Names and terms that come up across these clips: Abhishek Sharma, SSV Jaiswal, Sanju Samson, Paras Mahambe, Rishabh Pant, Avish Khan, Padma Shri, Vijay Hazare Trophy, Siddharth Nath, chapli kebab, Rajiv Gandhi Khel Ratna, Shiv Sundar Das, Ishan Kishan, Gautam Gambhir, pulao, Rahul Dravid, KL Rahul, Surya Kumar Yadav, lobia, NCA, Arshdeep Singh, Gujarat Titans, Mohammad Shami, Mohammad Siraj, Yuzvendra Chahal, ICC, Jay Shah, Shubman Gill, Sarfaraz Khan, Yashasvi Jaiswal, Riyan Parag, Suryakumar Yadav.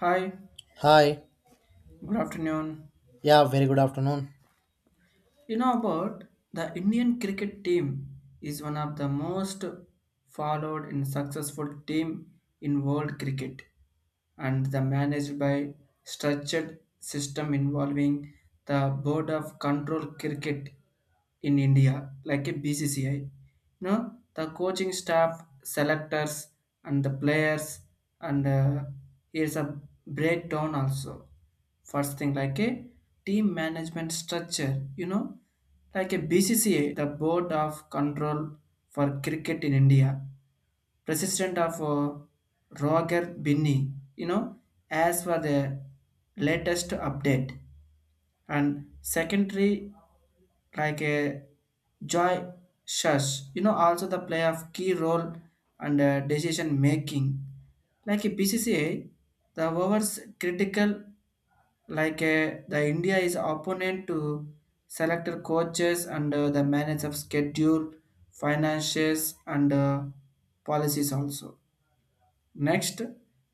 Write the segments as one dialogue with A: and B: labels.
A: Hi,
B: Hi.
A: good afternoon.
B: Yeah, very good afternoon.
A: You know about the Indian cricket team is one of the most followed and successful team in world cricket and the managed by structured system involving the board of control cricket in India, like a BCCI. You know, the coaching staff, selectors, and the players, and here's a breakdown also. First thing, like a team management structure, you know, like a BCCA, the Board of Control for Cricket in India, president of Roger Binney, you know, as for the latest update and secondary like a joy shush, you know, also the play of key role and decision making like a BCCA, the overs critical like the india is opponent to selected coaches and the manage of schedule, finances, and policies also. Next,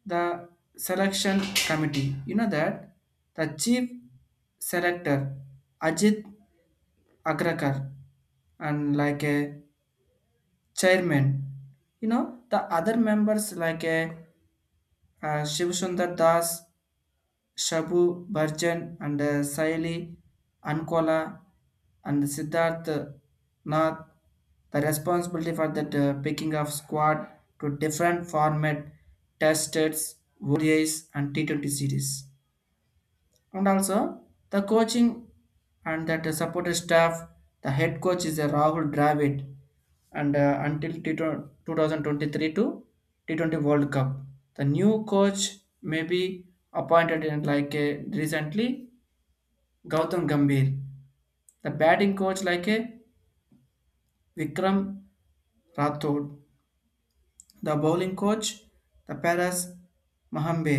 A: the selection committee. You know that the chief selector Ajit Agrakar and like a chairman. You know the other members like a Shiv Sundar Das, Shabu Bhajan and Sayali Ankola and Siddharth Nath, the responsibility for that picking of squad to different format test tests, ODIs and T20 series, and also the coaching and that the supported staff. The head coach is a rahul dravid and until T20 2023 to T20 world cup, the new coach may be appointed in like a, recently, gautam gambhir, the batting coach like a vikram rathod, the bowling coach, the paras mahambe,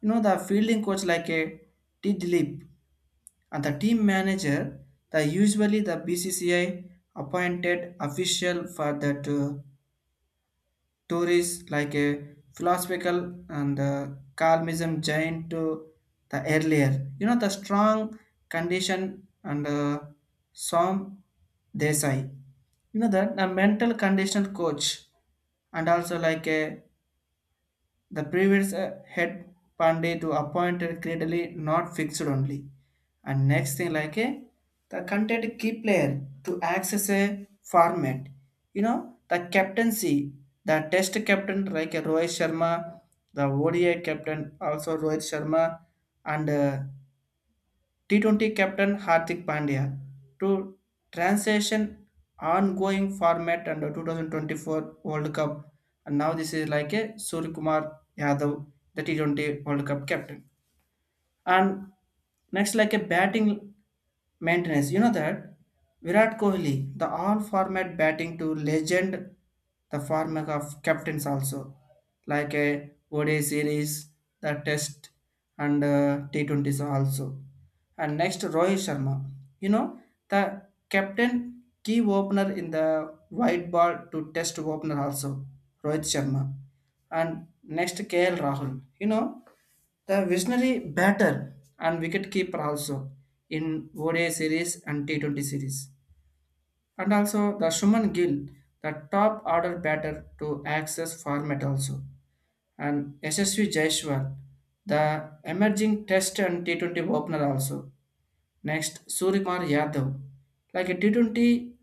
A: you know, the fielding coach like a t dilip, and the team manager, the usually the bcci appointed official for the tourists like a philosophical and the calmism giant to the earlier, you know, the strong condition, and some desai, you know that the mental condition coach, and also like a the previous head Pandey to appointed credibly not fixed only. And next thing like a the content key player to access a format. You know, the captaincy, the test captain like a Rohit Sharma, the ODI captain also Rohit Sharma, and T20 captain Hardik Pandya to transition ongoing format under 2024 World Cup, and now this is like a Surya Kumar Yadav, the T20 World Cup captain. And next, like a batting maintenance, you know that Virat Kohli, the all-format batting to legend, the format of captains also, like a ODI series, the Test, and T20s also. And next, Rohit Sharma, you know, the captain key opener in the white ball to Test opener also, Rohit Sharma. And next KL Rahul. You know, the visionary batter and wicketkeeper also in ODI series and T20 series. And also the Shuman Gill, the top order batter to access format also. And SSV Jaiswal, the emerging test and T20 opener also. Next, Surimar Yadav. Like a T20,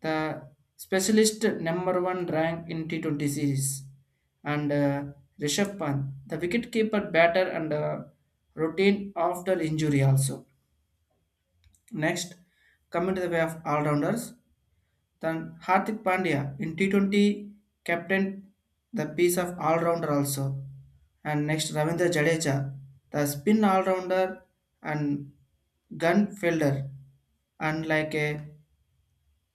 A: the specialist number one rank in T20 series. And Rishabh Pant, the wicketkeeper batter and routine after injury also. Next, coming to the way of all-rounders. Then Hardik Pandya in T20 captained the piece of all-rounder also. And next Ravindra Jadeja, the spin all-rounder and gun fielder. And like a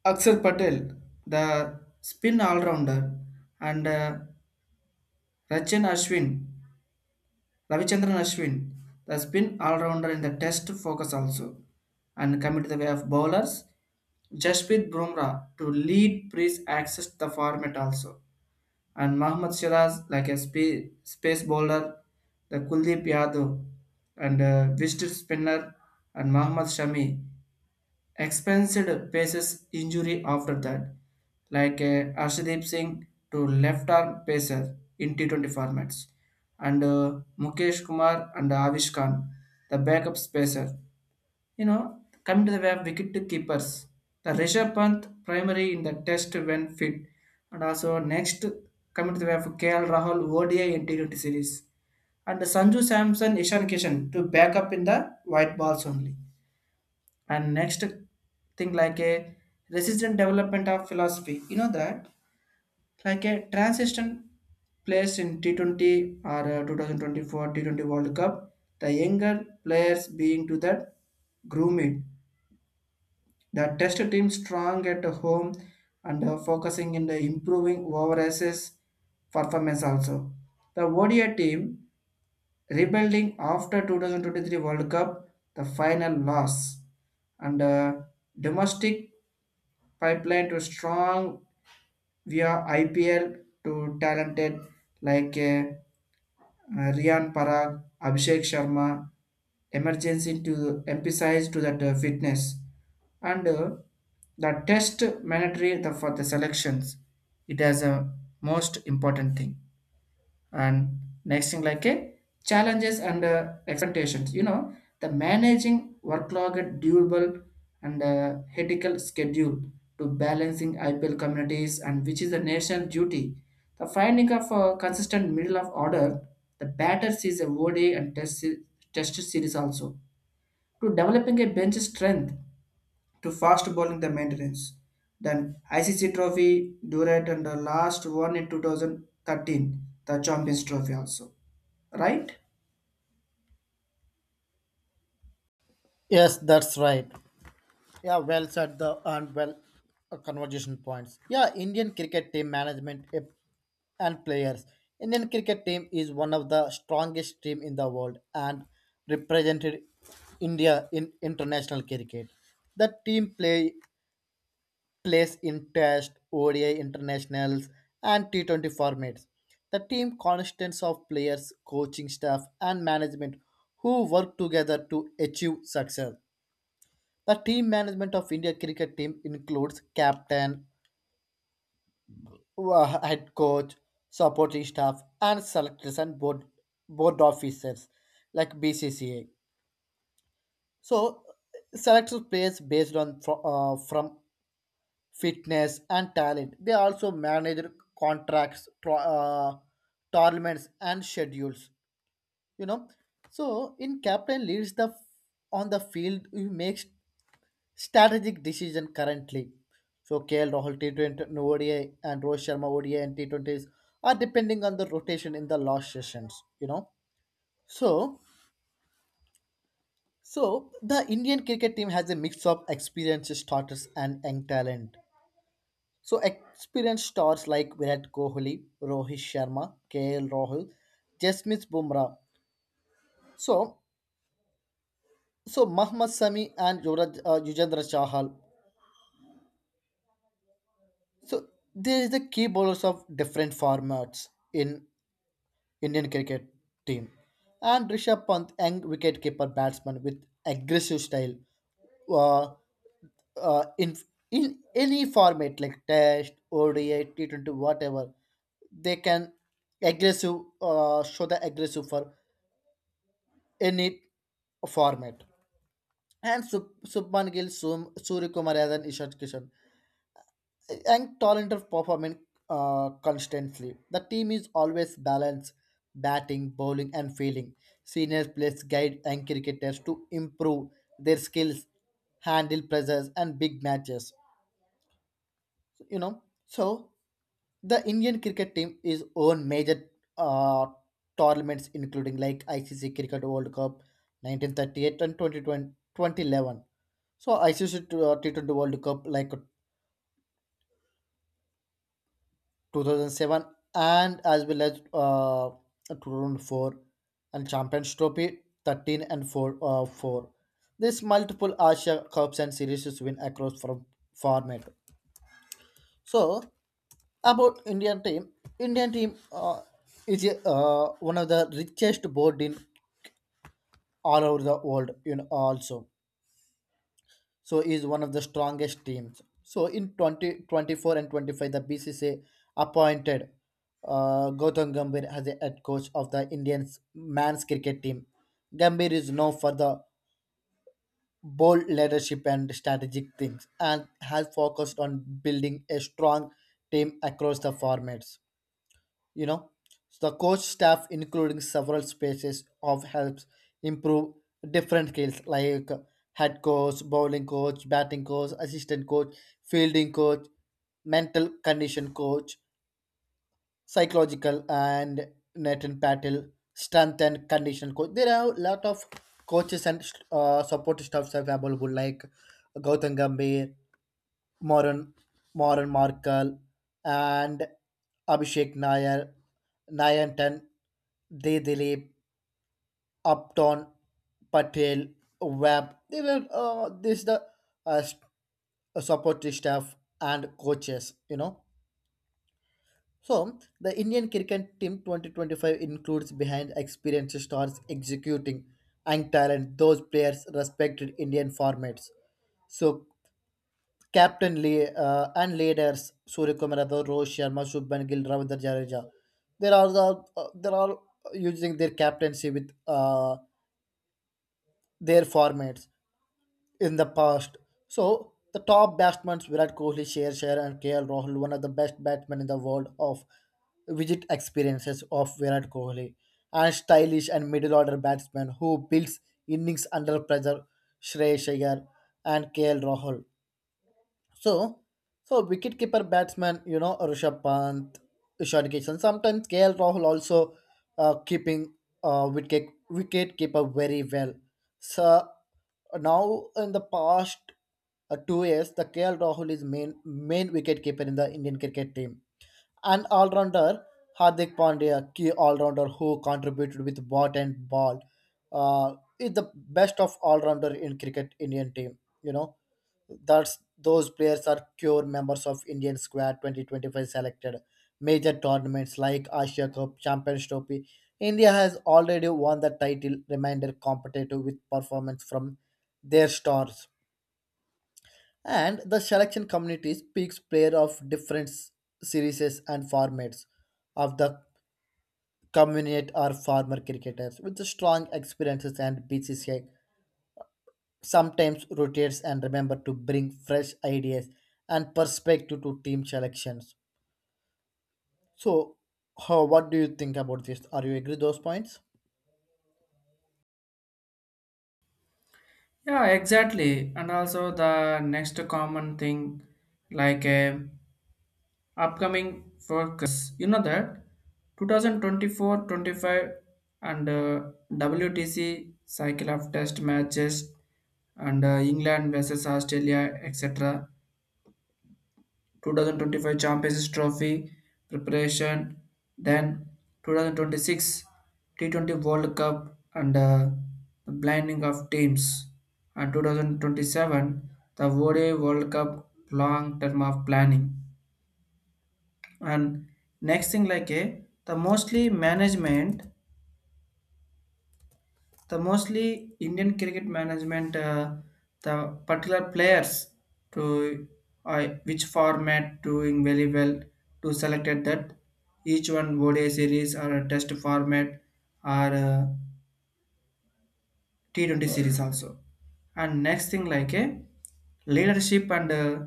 A: Akshar Patel, the spin all-rounder. And Rachin Ashwin, Ravichandran Ashwin, the spin all-rounder in the test focus also. And coming to the way of bowlers, Jasprit Bumrah to lead Priest access the format also, and Mohammad Shiraz like a space bowler, the Kuldeep Yadav and Vishnu Spinner and Mohammad Shami. Expensive paces injury after that, like Arshdeep Singh to left arm pacer in T20 formats, and Mukesh Kumar and Avish Khan, the backup pacer. You know, coming to the way of wicket keepers, the Rishabh Pant primary in the test when fit, and also next coming to the way of KL Rahul ODI and T20 series, and Sanju Samson Ishan Kishan to back up in the white balls only. And next thing like a resistant development of philosophy, you know that like a transition players in T20 or 2024 T20 World Cup, the younger players being to that groomed. The test team strong at home and focusing in the improving overseas performance also. The ODI team rebuilding after 2023 World Cup, the final loss, and domestic pipeline to strong via IPL to talented like Riyan Parag, Abhishek Sharma, emergency to emphasize to that fitness, and the test mandatory the, for the selections. It has a most important thing. And next thing like a challenges and expectations, you know, the managing workload durable and ethical schedule to balancing ipl communities and which is the national duty, the finding of a consistent middle of order the batter sees a ODI and test, test series also, to developing a bench strength to fast bowling the maintenance, then ICC trophy Durant and the last one in 2013 the Champions Trophy also, right?
B: Yes, that's right. Yeah, well said the and well conversation points. Yeah, Indian cricket team management and players. Indian cricket team is one of the strongest team in the world and represented India in international cricket. The team plays in Test, ODI internationals, and T20 formats. The team consists of players, coaching staff, and management who work together to achieve success. The team management of India cricket team includes captain, head coach, supporting staff, and selectors and board officers like BCCA. So selects players based on from fitness and talent. They also manage contracts, tournaments, and schedules. You know, so in captain leads the on the field who makes strategic decision currently. So KL Rahul T20 no ODI and Rohit Sharma ODI and T20s are depending on the rotation in the last sessions. So so the Indian cricket team has a mix of experienced starters and young talent. So experienced stars like Virat Kohli, Rohit Sharma, KL Rahul, Jasmine Bumrah. So so Mohammad Sami and Yuzvendra Chahal. So there is the key bowlers of different formats in Indian cricket team. And Rishabh Pant, young wicketkeeper batsman with aggressive style. uh, uh, in in any format like test ODI T20 whatever they can aggressive show the aggressive for any format and Subman Gill Surya Kumar Yadav and Ishan Kishan and talent of performing constantly the team is always balanced batting bowling and fielding seniors players guide and cricketers to improve their skills handle pressures and big matches you know so the indian cricket team is own major uh, tournaments including like icc cricket world cup 1938 and 2020, 2011 so icc T20 world cup like 2007 and as well as 2004 and champions trophy 13 and 4 4 this multiple asia cups and series win across from format. So about Indian team, Indian team uh, is one of the richest board in all over the world. You know, also so is one of the strongest teams. So in 2024 and 25, the BCCA appointed Gautam Gambhir as the head coach of the Indian men's cricket team. Gambhir is known for the bold leadership and strategic things, and has focused on building a strong team across the formats. you know so the coach staff including several spaces of helps improve different skills like head coach bowling coach batting coach assistant coach fielding coach mental condition coach psychological and net and paddle strength and condition coach there are a lot of coaches and support staffs available like gautam gambhir Moran, Moran Markle, and Abhishek Nair, Nayantan, De Dilip, Upton, Patel, Webb. They were uh, s- support staff and coaches. You know. So the Indian cricket team 2025 includes behind experienced stars executing and talent. Those players respected Indian formats. So captain and leaders Suryakumar Yadav, Rohit Sharma, Shubman Gill, Ravindra Jadeja. There are using their captaincy with their formats in the past. So the top batsmen Virat Kohli, Sher and KL Rahul, one of the best batsmen in the world of visit experiences of Virat Kohli, and stylish and middle order batsman who builds innings under pressure, Shreyas Iyer and KL Rahul. So, so, wicketkeeper batsman, you know, Rishabh Pant, Ishan Kishan, sometimes KL Rahul also keeping wicketkeeper very well. So now in the past 2 years, the KL Rahul is main wicketkeeper in the Indian cricket team. An all-rounder, Hardik Pandya, key all-rounder who contributed with bat and ball, is the best of all-rounder in cricket Indian team. You know, that's those players are pure members of Indian squad 2025 selected major tournaments like Asia Cup, Champions Trophy. India has already won the title, remainder competitive with performance from their stars and the selection community speaks player of different series and formats of the community or former cricketers with strong experiences and BCCI sometimes rotates and remember to bring fresh ideas and perspective to team selections. So, what do you think about this? Are you agree those points?
A: Yeah, exactly. And also the next common thing like a upcoming focus. You know that 2024, 25, and WTC cycle of test matches and England versus Australia etc. 2025 Champions Trophy preparation, then 2026 T20 World Cup and the blinding of teams, and 2027 the ODI World Cup long term of planning. And next thing like a the mostly management, the mostly Indian cricket management the particular players to which format doing very well to selected that each one ODI series or a test format or T20 series also. And next thing like a leadership and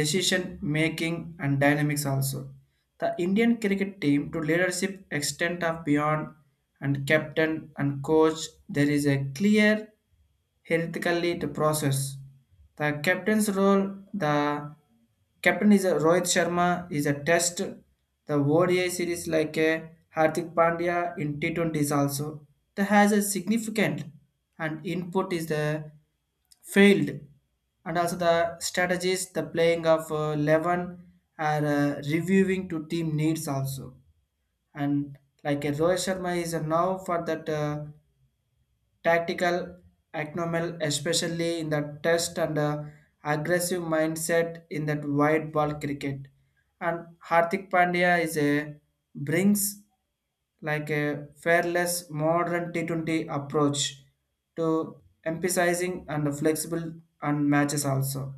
A: decision making and dynamics also. The Indian cricket team to leadership extent of beyond and captain and coach, there is a clear hierarchically the process. The captain's role, the captain is a Rohit Sharma is a test. The ODI series like a Hardik Pandya in T20 is also that has a significant and input is the field, and also the strategies the playing of 11 are reviewing to team needs also, and like a Rohit Sharma is a now for that tactical acromal, especially in the test, and aggressive mindset in that wide ball cricket. And Hardik Pandya is a brings like a fearless modern T20 approach to emphasizing and flexible and matches also.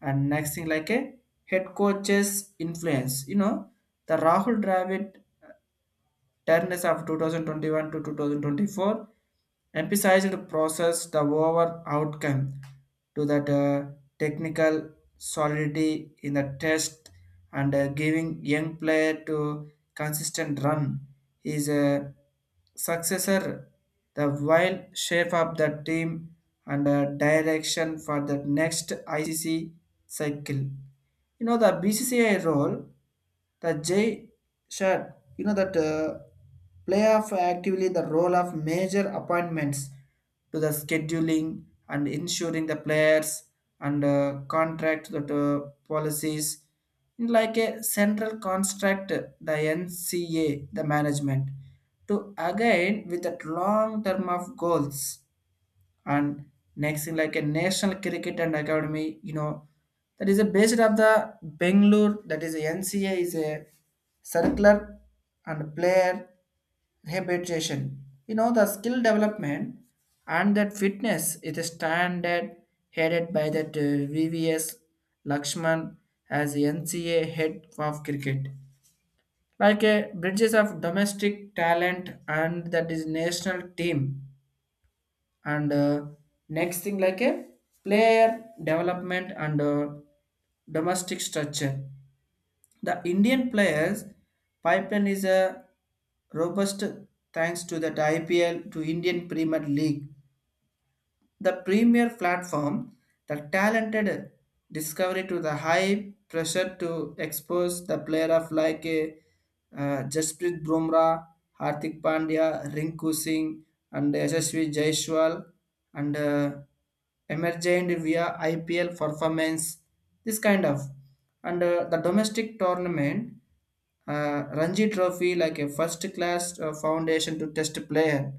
A: And next thing like a head coach's influence. You know, the Rahul Dravid terms of 2021 to 2024 emphasized the process the over outcome to that technical solidity in the test and giving young player to consistent run is a successor, the wild shape of the team, and direction for the next ICC cycle. You know the BCCI role, the Jay Shah, you know that play actively the role of major appointments to the scheduling and ensuring the players and contract that policies like a central construct the NCA the management to align with that long term of goals. And next thing like a national cricket and academy, you know that is a based of the Bangalore, that is a nca is a circular and player rehabilitation, you know, the skill development and that fitness is a standard, headed by that vvs lakshman as nca head of cricket like a bridges of domestic talent and that is national team. And next thing like a player development and domestic structure, the indian players pipeline is a robust thanks to that ipl to indian premier league, the premier platform, the talented discovery to the high pressure to expose the player of like a Jasprit Bumrah, Hardik Pandya, Rinku Singh, and Yashasvi Jaiswal, and emergent via IPL performance. This kind of. And the domestic tournament, Ranji Trophy like a first class foundation to test player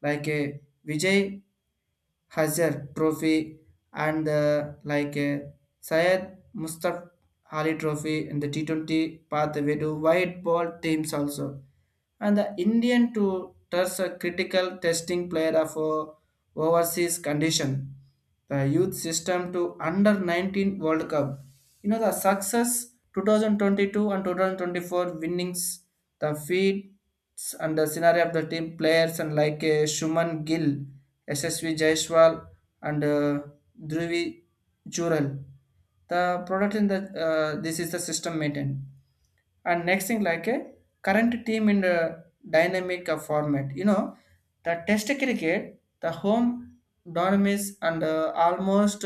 A: like a Vijay Hazar Trophy and like Syed Mustaf Ali Trophy in the T20 pathway to white ball teams also, and the Indian to test a critical testing player of overseas condition. The youth system to under 19 World Cup. You know the success 2022 and 2024 winnings, the feats and the scenario of the team players and like Shuman Gill, SSV Jaiswal, and Dhruvi Jural. The product in the this is the system maintained. And next thing like a current team in the dynamic format. You know, the test cricket, the home dormies, and almost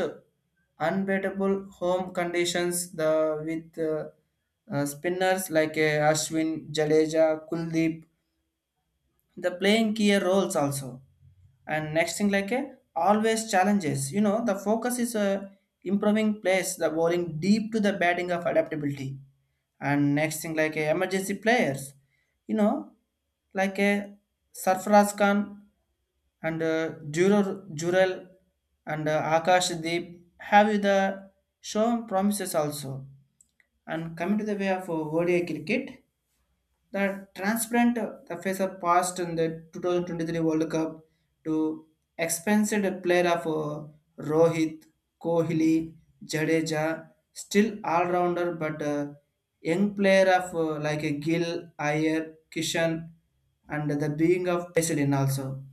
A: unbeatable home conditions, the with spinners like Ashwin, Jadeja, Kuldeep, the playing key roles also. And next thing like a always challenges, you know, the focus is improving plays the bowling deep to the batting of adaptability. And next thing like a emergency players, you know, like a sarfaraz khan and Juror, Jurel, and Akash Deep, have you the shown promises also. And coming to the way of ODI cricket, the transparent the face of past in the 2023 World Cup to expensive player of Rohit, Kohli, Jadeja, still all-rounder, but young player of like a Gill, Iyer, Kishan and the being of President also.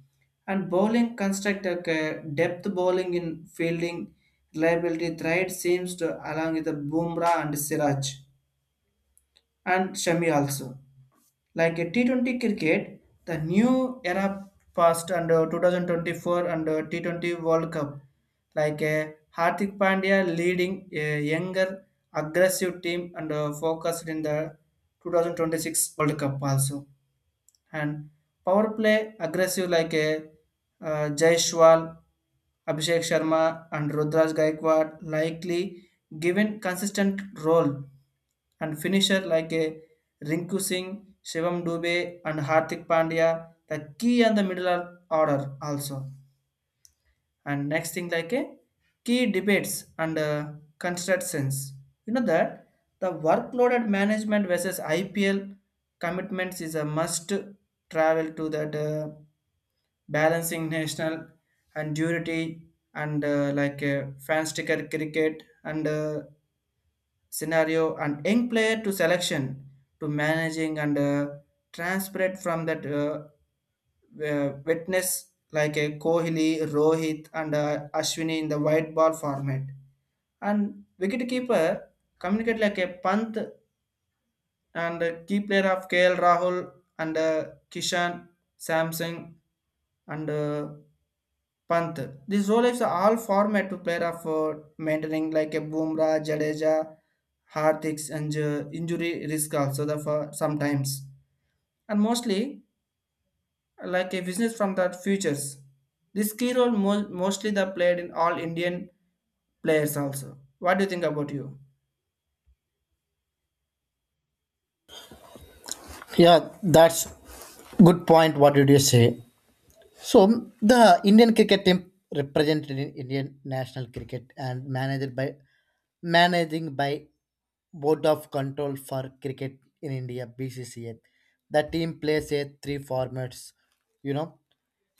A: And bowling construct like a depth bowling in fielding reliability threat seems to along with the Bumrah and Siraj and Shami also. Like a T20 cricket, the new era passed under 2024 under T20 World Cup. Like a Hardik Pandya leading a younger, aggressive team and focused in the 2026 World Cup also. And power play aggressive like a Jaishwal, Abhishek Sharma and Rudraj Gaikwad likely given consistent role and finisher like a Rinku Singh, Shivam Dubey, and Hardik Pandya, the key and the order also. And next thing like a key debates and constructions. You know that the workload at management versus IPL commitments is a must travel to that balancing national and durity, and like fan sticker cricket and scenario and young player to selection to managing and transparent from that witness like a Kohli, Rohit, and Ashwini in the white ball format. And wicket keeper communicate like a Pant and key player of KL Rahul and Kishan Samsung and Panther. This role is all format to player of maintaining like a Bumrah, Jadeja, Hardiks and injury risk also the for sometimes, and mostly like a business from the futures. This key role mostly the played in all Indian players also. What do you think about you?
B: Yeah, that's good point. What did you say? So the Indian cricket team represented in Indian national cricket and managed by Board of Control for Cricket in India (BCCA). The team plays a three formats, you know.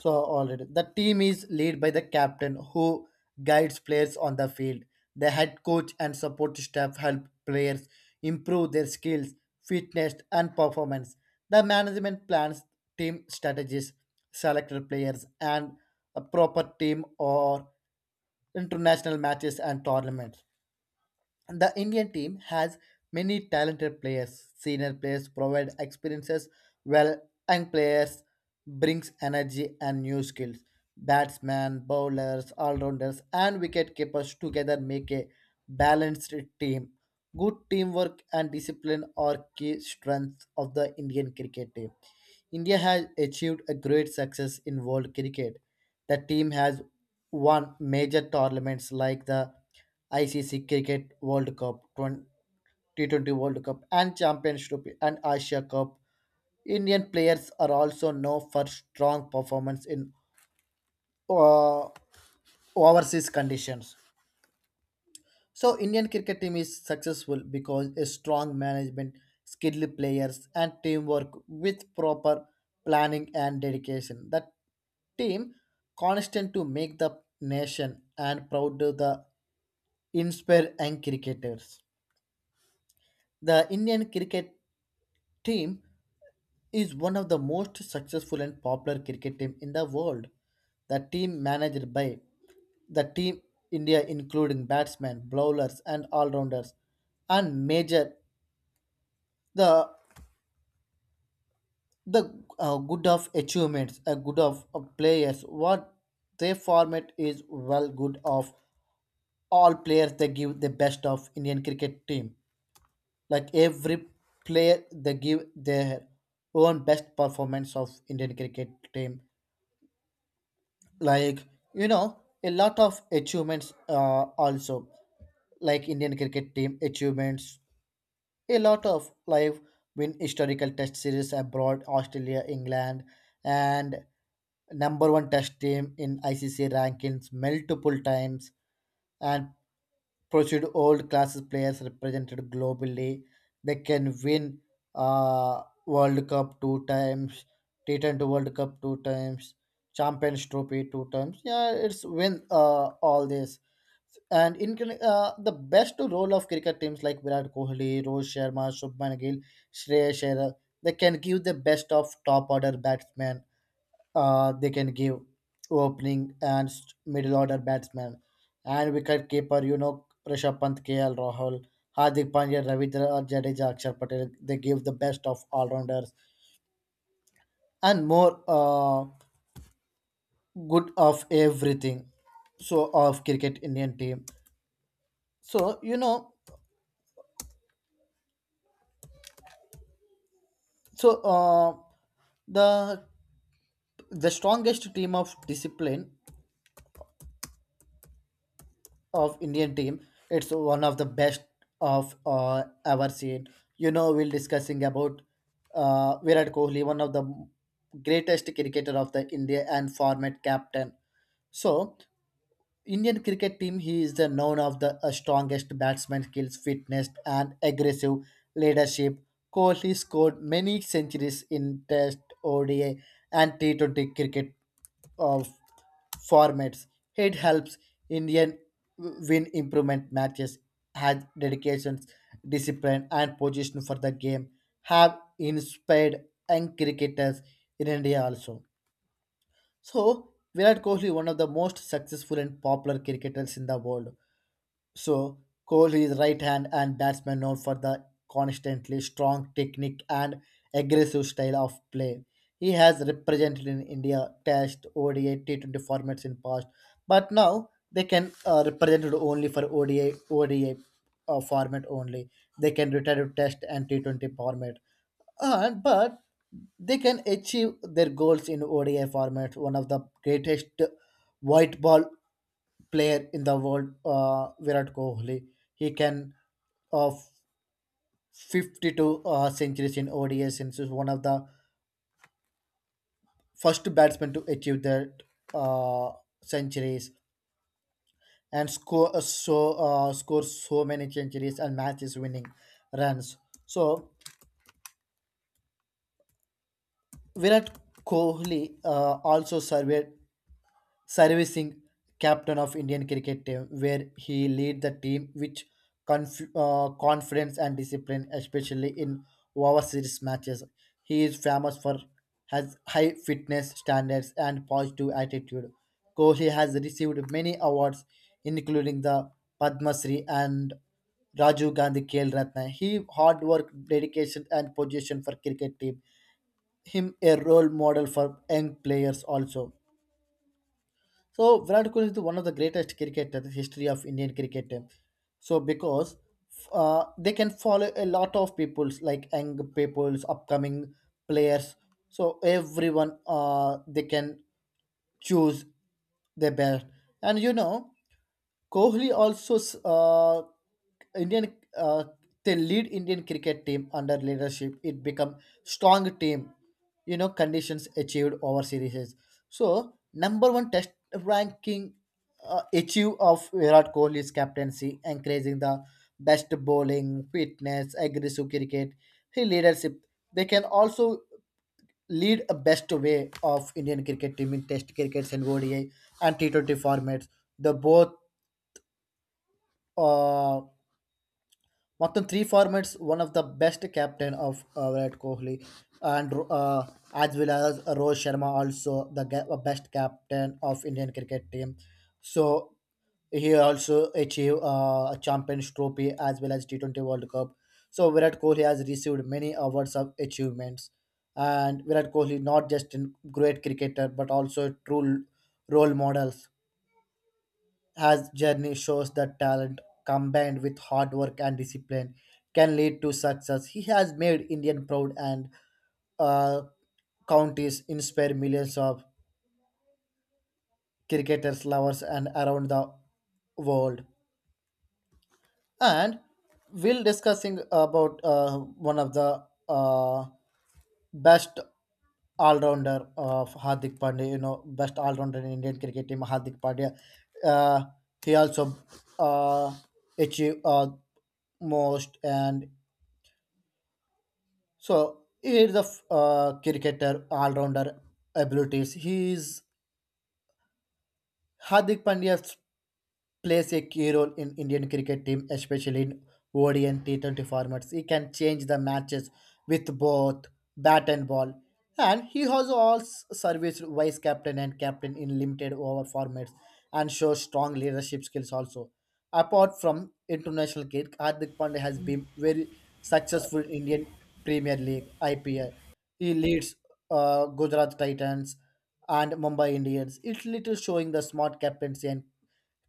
B: So already the team is led by the captain who guides players on the field. The head coach and support staff help players improve their skills, fitness and performance. The management plans team strategies, selected players and a proper team or international matches and tournaments. The Indian team has many talented players. Senior players provide experiences, while young players brings energy and new skills. Batsmen, bowlers, all-rounders, and wicket keepers together make a balanced team. Good teamwork and discipline are key strengths of the Indian cricket team. India has achieved a great success in world cricket. The team has won major tournaments like the ICC Cricket World Cup, T20 World Cup, and Champions Trophy and Asia Cup. Indian players are also known for strong performance in uh, overseas conditions. So Indian cricket team is successful because a strong management, skilled players and teamwork with proper planning and dedication. That team constant to make the nation and proud to the inspire and cricketers. The Indian cricket team is one of the most successful and popular cricket team in the world. The team managed by the team India including batsmen, bowlers and all-rounders and major the good of achievements a good of players what their format is well good of all players they give the best of indian cricket team like every player they give their own best performance of indian cricket team like a lot of achievements also like indian cricket team achievements. A lot of live win historical test series abroad, Australia, England, and number one test team in ICC rankings multiple times and pursued old classes players represented globally. They can win World Cup two times, T20 World Cup two times, Champions Trophy two times. Yeah, it's win all this. And in the best role of cricket teams like Virat Kohli, Rohit Sharma, Shubman Gill, Shreyas Iyer, they can give the best of top order batsmen they can give opening and middle order batsman and wicket keeper Rishabh Pant KL Rahul Hardik Pandya Ravindra Jadeja Akshar Patel they give the best of all rounders and more good of everything so of cricket Indian team so you know so uh, the the strongest team of discipline of Indian team. It's one of the best of ever seen. You know, we're discussing about Virat Kohli, one of the greatest cricketer of the India and former captain. So, Indian cricket team, he is the known of the strongest batsman skills, fitness, and aggressive leadership. Kohli scored many centuries in Test, ODI, and T20 cricket. Of formats. It helps Indian win improvement matches, has dedication, discipline, and position for the game, have inspired young cricketers in India also. So, Virat Kohli, one of the most successful and popular cricketers in the world, so Kohli is right hand and batsman known for the constantly strong technique and aggressive style of play. He has represented in India Test, ODI, T20 formats in past, but now they can represent it only for ODI, ODI format only. They can retire to Test and T20 format and but they can achieve their goals in ODI format. One of the greatest white ball player in the world, Virat Kohli. He can of 52 centuries in ODI since he's one of the first batsmen to achieve that uh, centuries and score so many centuries and matches winning runs. So Virat Kohli also surveyed servicing captain of Indian cricket team, where he lead the team with confidence and discipline, especially in overseas matches. He is famous for has high fitness standards and positive attitude. Kohli has received many awards, including the Padma Shri and Rajiv Gandhi Khel Ratna. He hard work, dedication, and position for cricket team. Him a role model for young players also. So Virat Kohli is one of the greatest cricketer in the history of Indian cricket. So because they can follow a lot of people's like young people's upcoming players. So everyone they can choose their best. And Kohli also uh, Indian they lead Indian cricket team under leadership. It become strong team, conditions achieved over series. So number one test ranking achieve of Virat Kohli's captaincy, encouraging the best bowling, fitness, aggressive cricket, his leadership. They can also lead a best way of Indian cricket team in Test crickets and ODI and T20 formats. The both uh, మొత్తం three formats one of the best captain of Virat Kohli and as well as Rohit Sharma also the best captain of Indian cricket team. So he also achieved a Champions Trophy as well as T20 World Cup. So Virat Kohli has received many awards of achievements, and Virat Kohli not just a great cricketer but also a true role model as journey shows that talent combined with hard work and discipline can lead to success. He has made Indian proud and uh, counties inspire millions of cricketers, lovers, and around the world. And we'll discussing about one of the best all-rounder of Hardik Pandya, you know, best all-rounder in Indian cricket team, Hardik Pandya. Uh, he also uh, achieved most, and so he is a cricketer all-rounder abilities. He is Hardik Pandya's plays a key role in Indian cricket team, especially in ODI and T20 formats. He can change the matches with both bat and ball. And he has also serviced vice captain and captain in limited over formats and shows strong leadership skills also. Apart from international cricket, Hardik Pandya has been very successful in Indian Premier League IPL. He leads Gujarat Titans and Mumbai Indians. It's little showing the smart captaincy and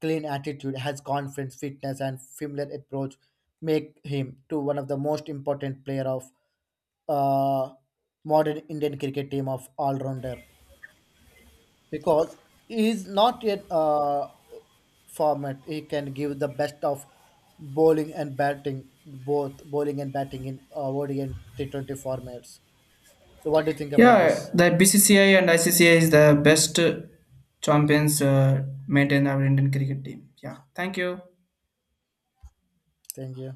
B: clean attitude, has confidence, fitness, and familiar approach make him to one of the most important player of uh, modern Indian cricket team of all rounder because he is not yet format. He can give the best of bowling and batting, both bowling and batting in ODI and T20 formats. So, what do you think about
A: Yeah,
B: this?
A: the BCCI and ICCI is the best champions maintained our Indian cricket team. Yeah, thank you.
B: Thank you.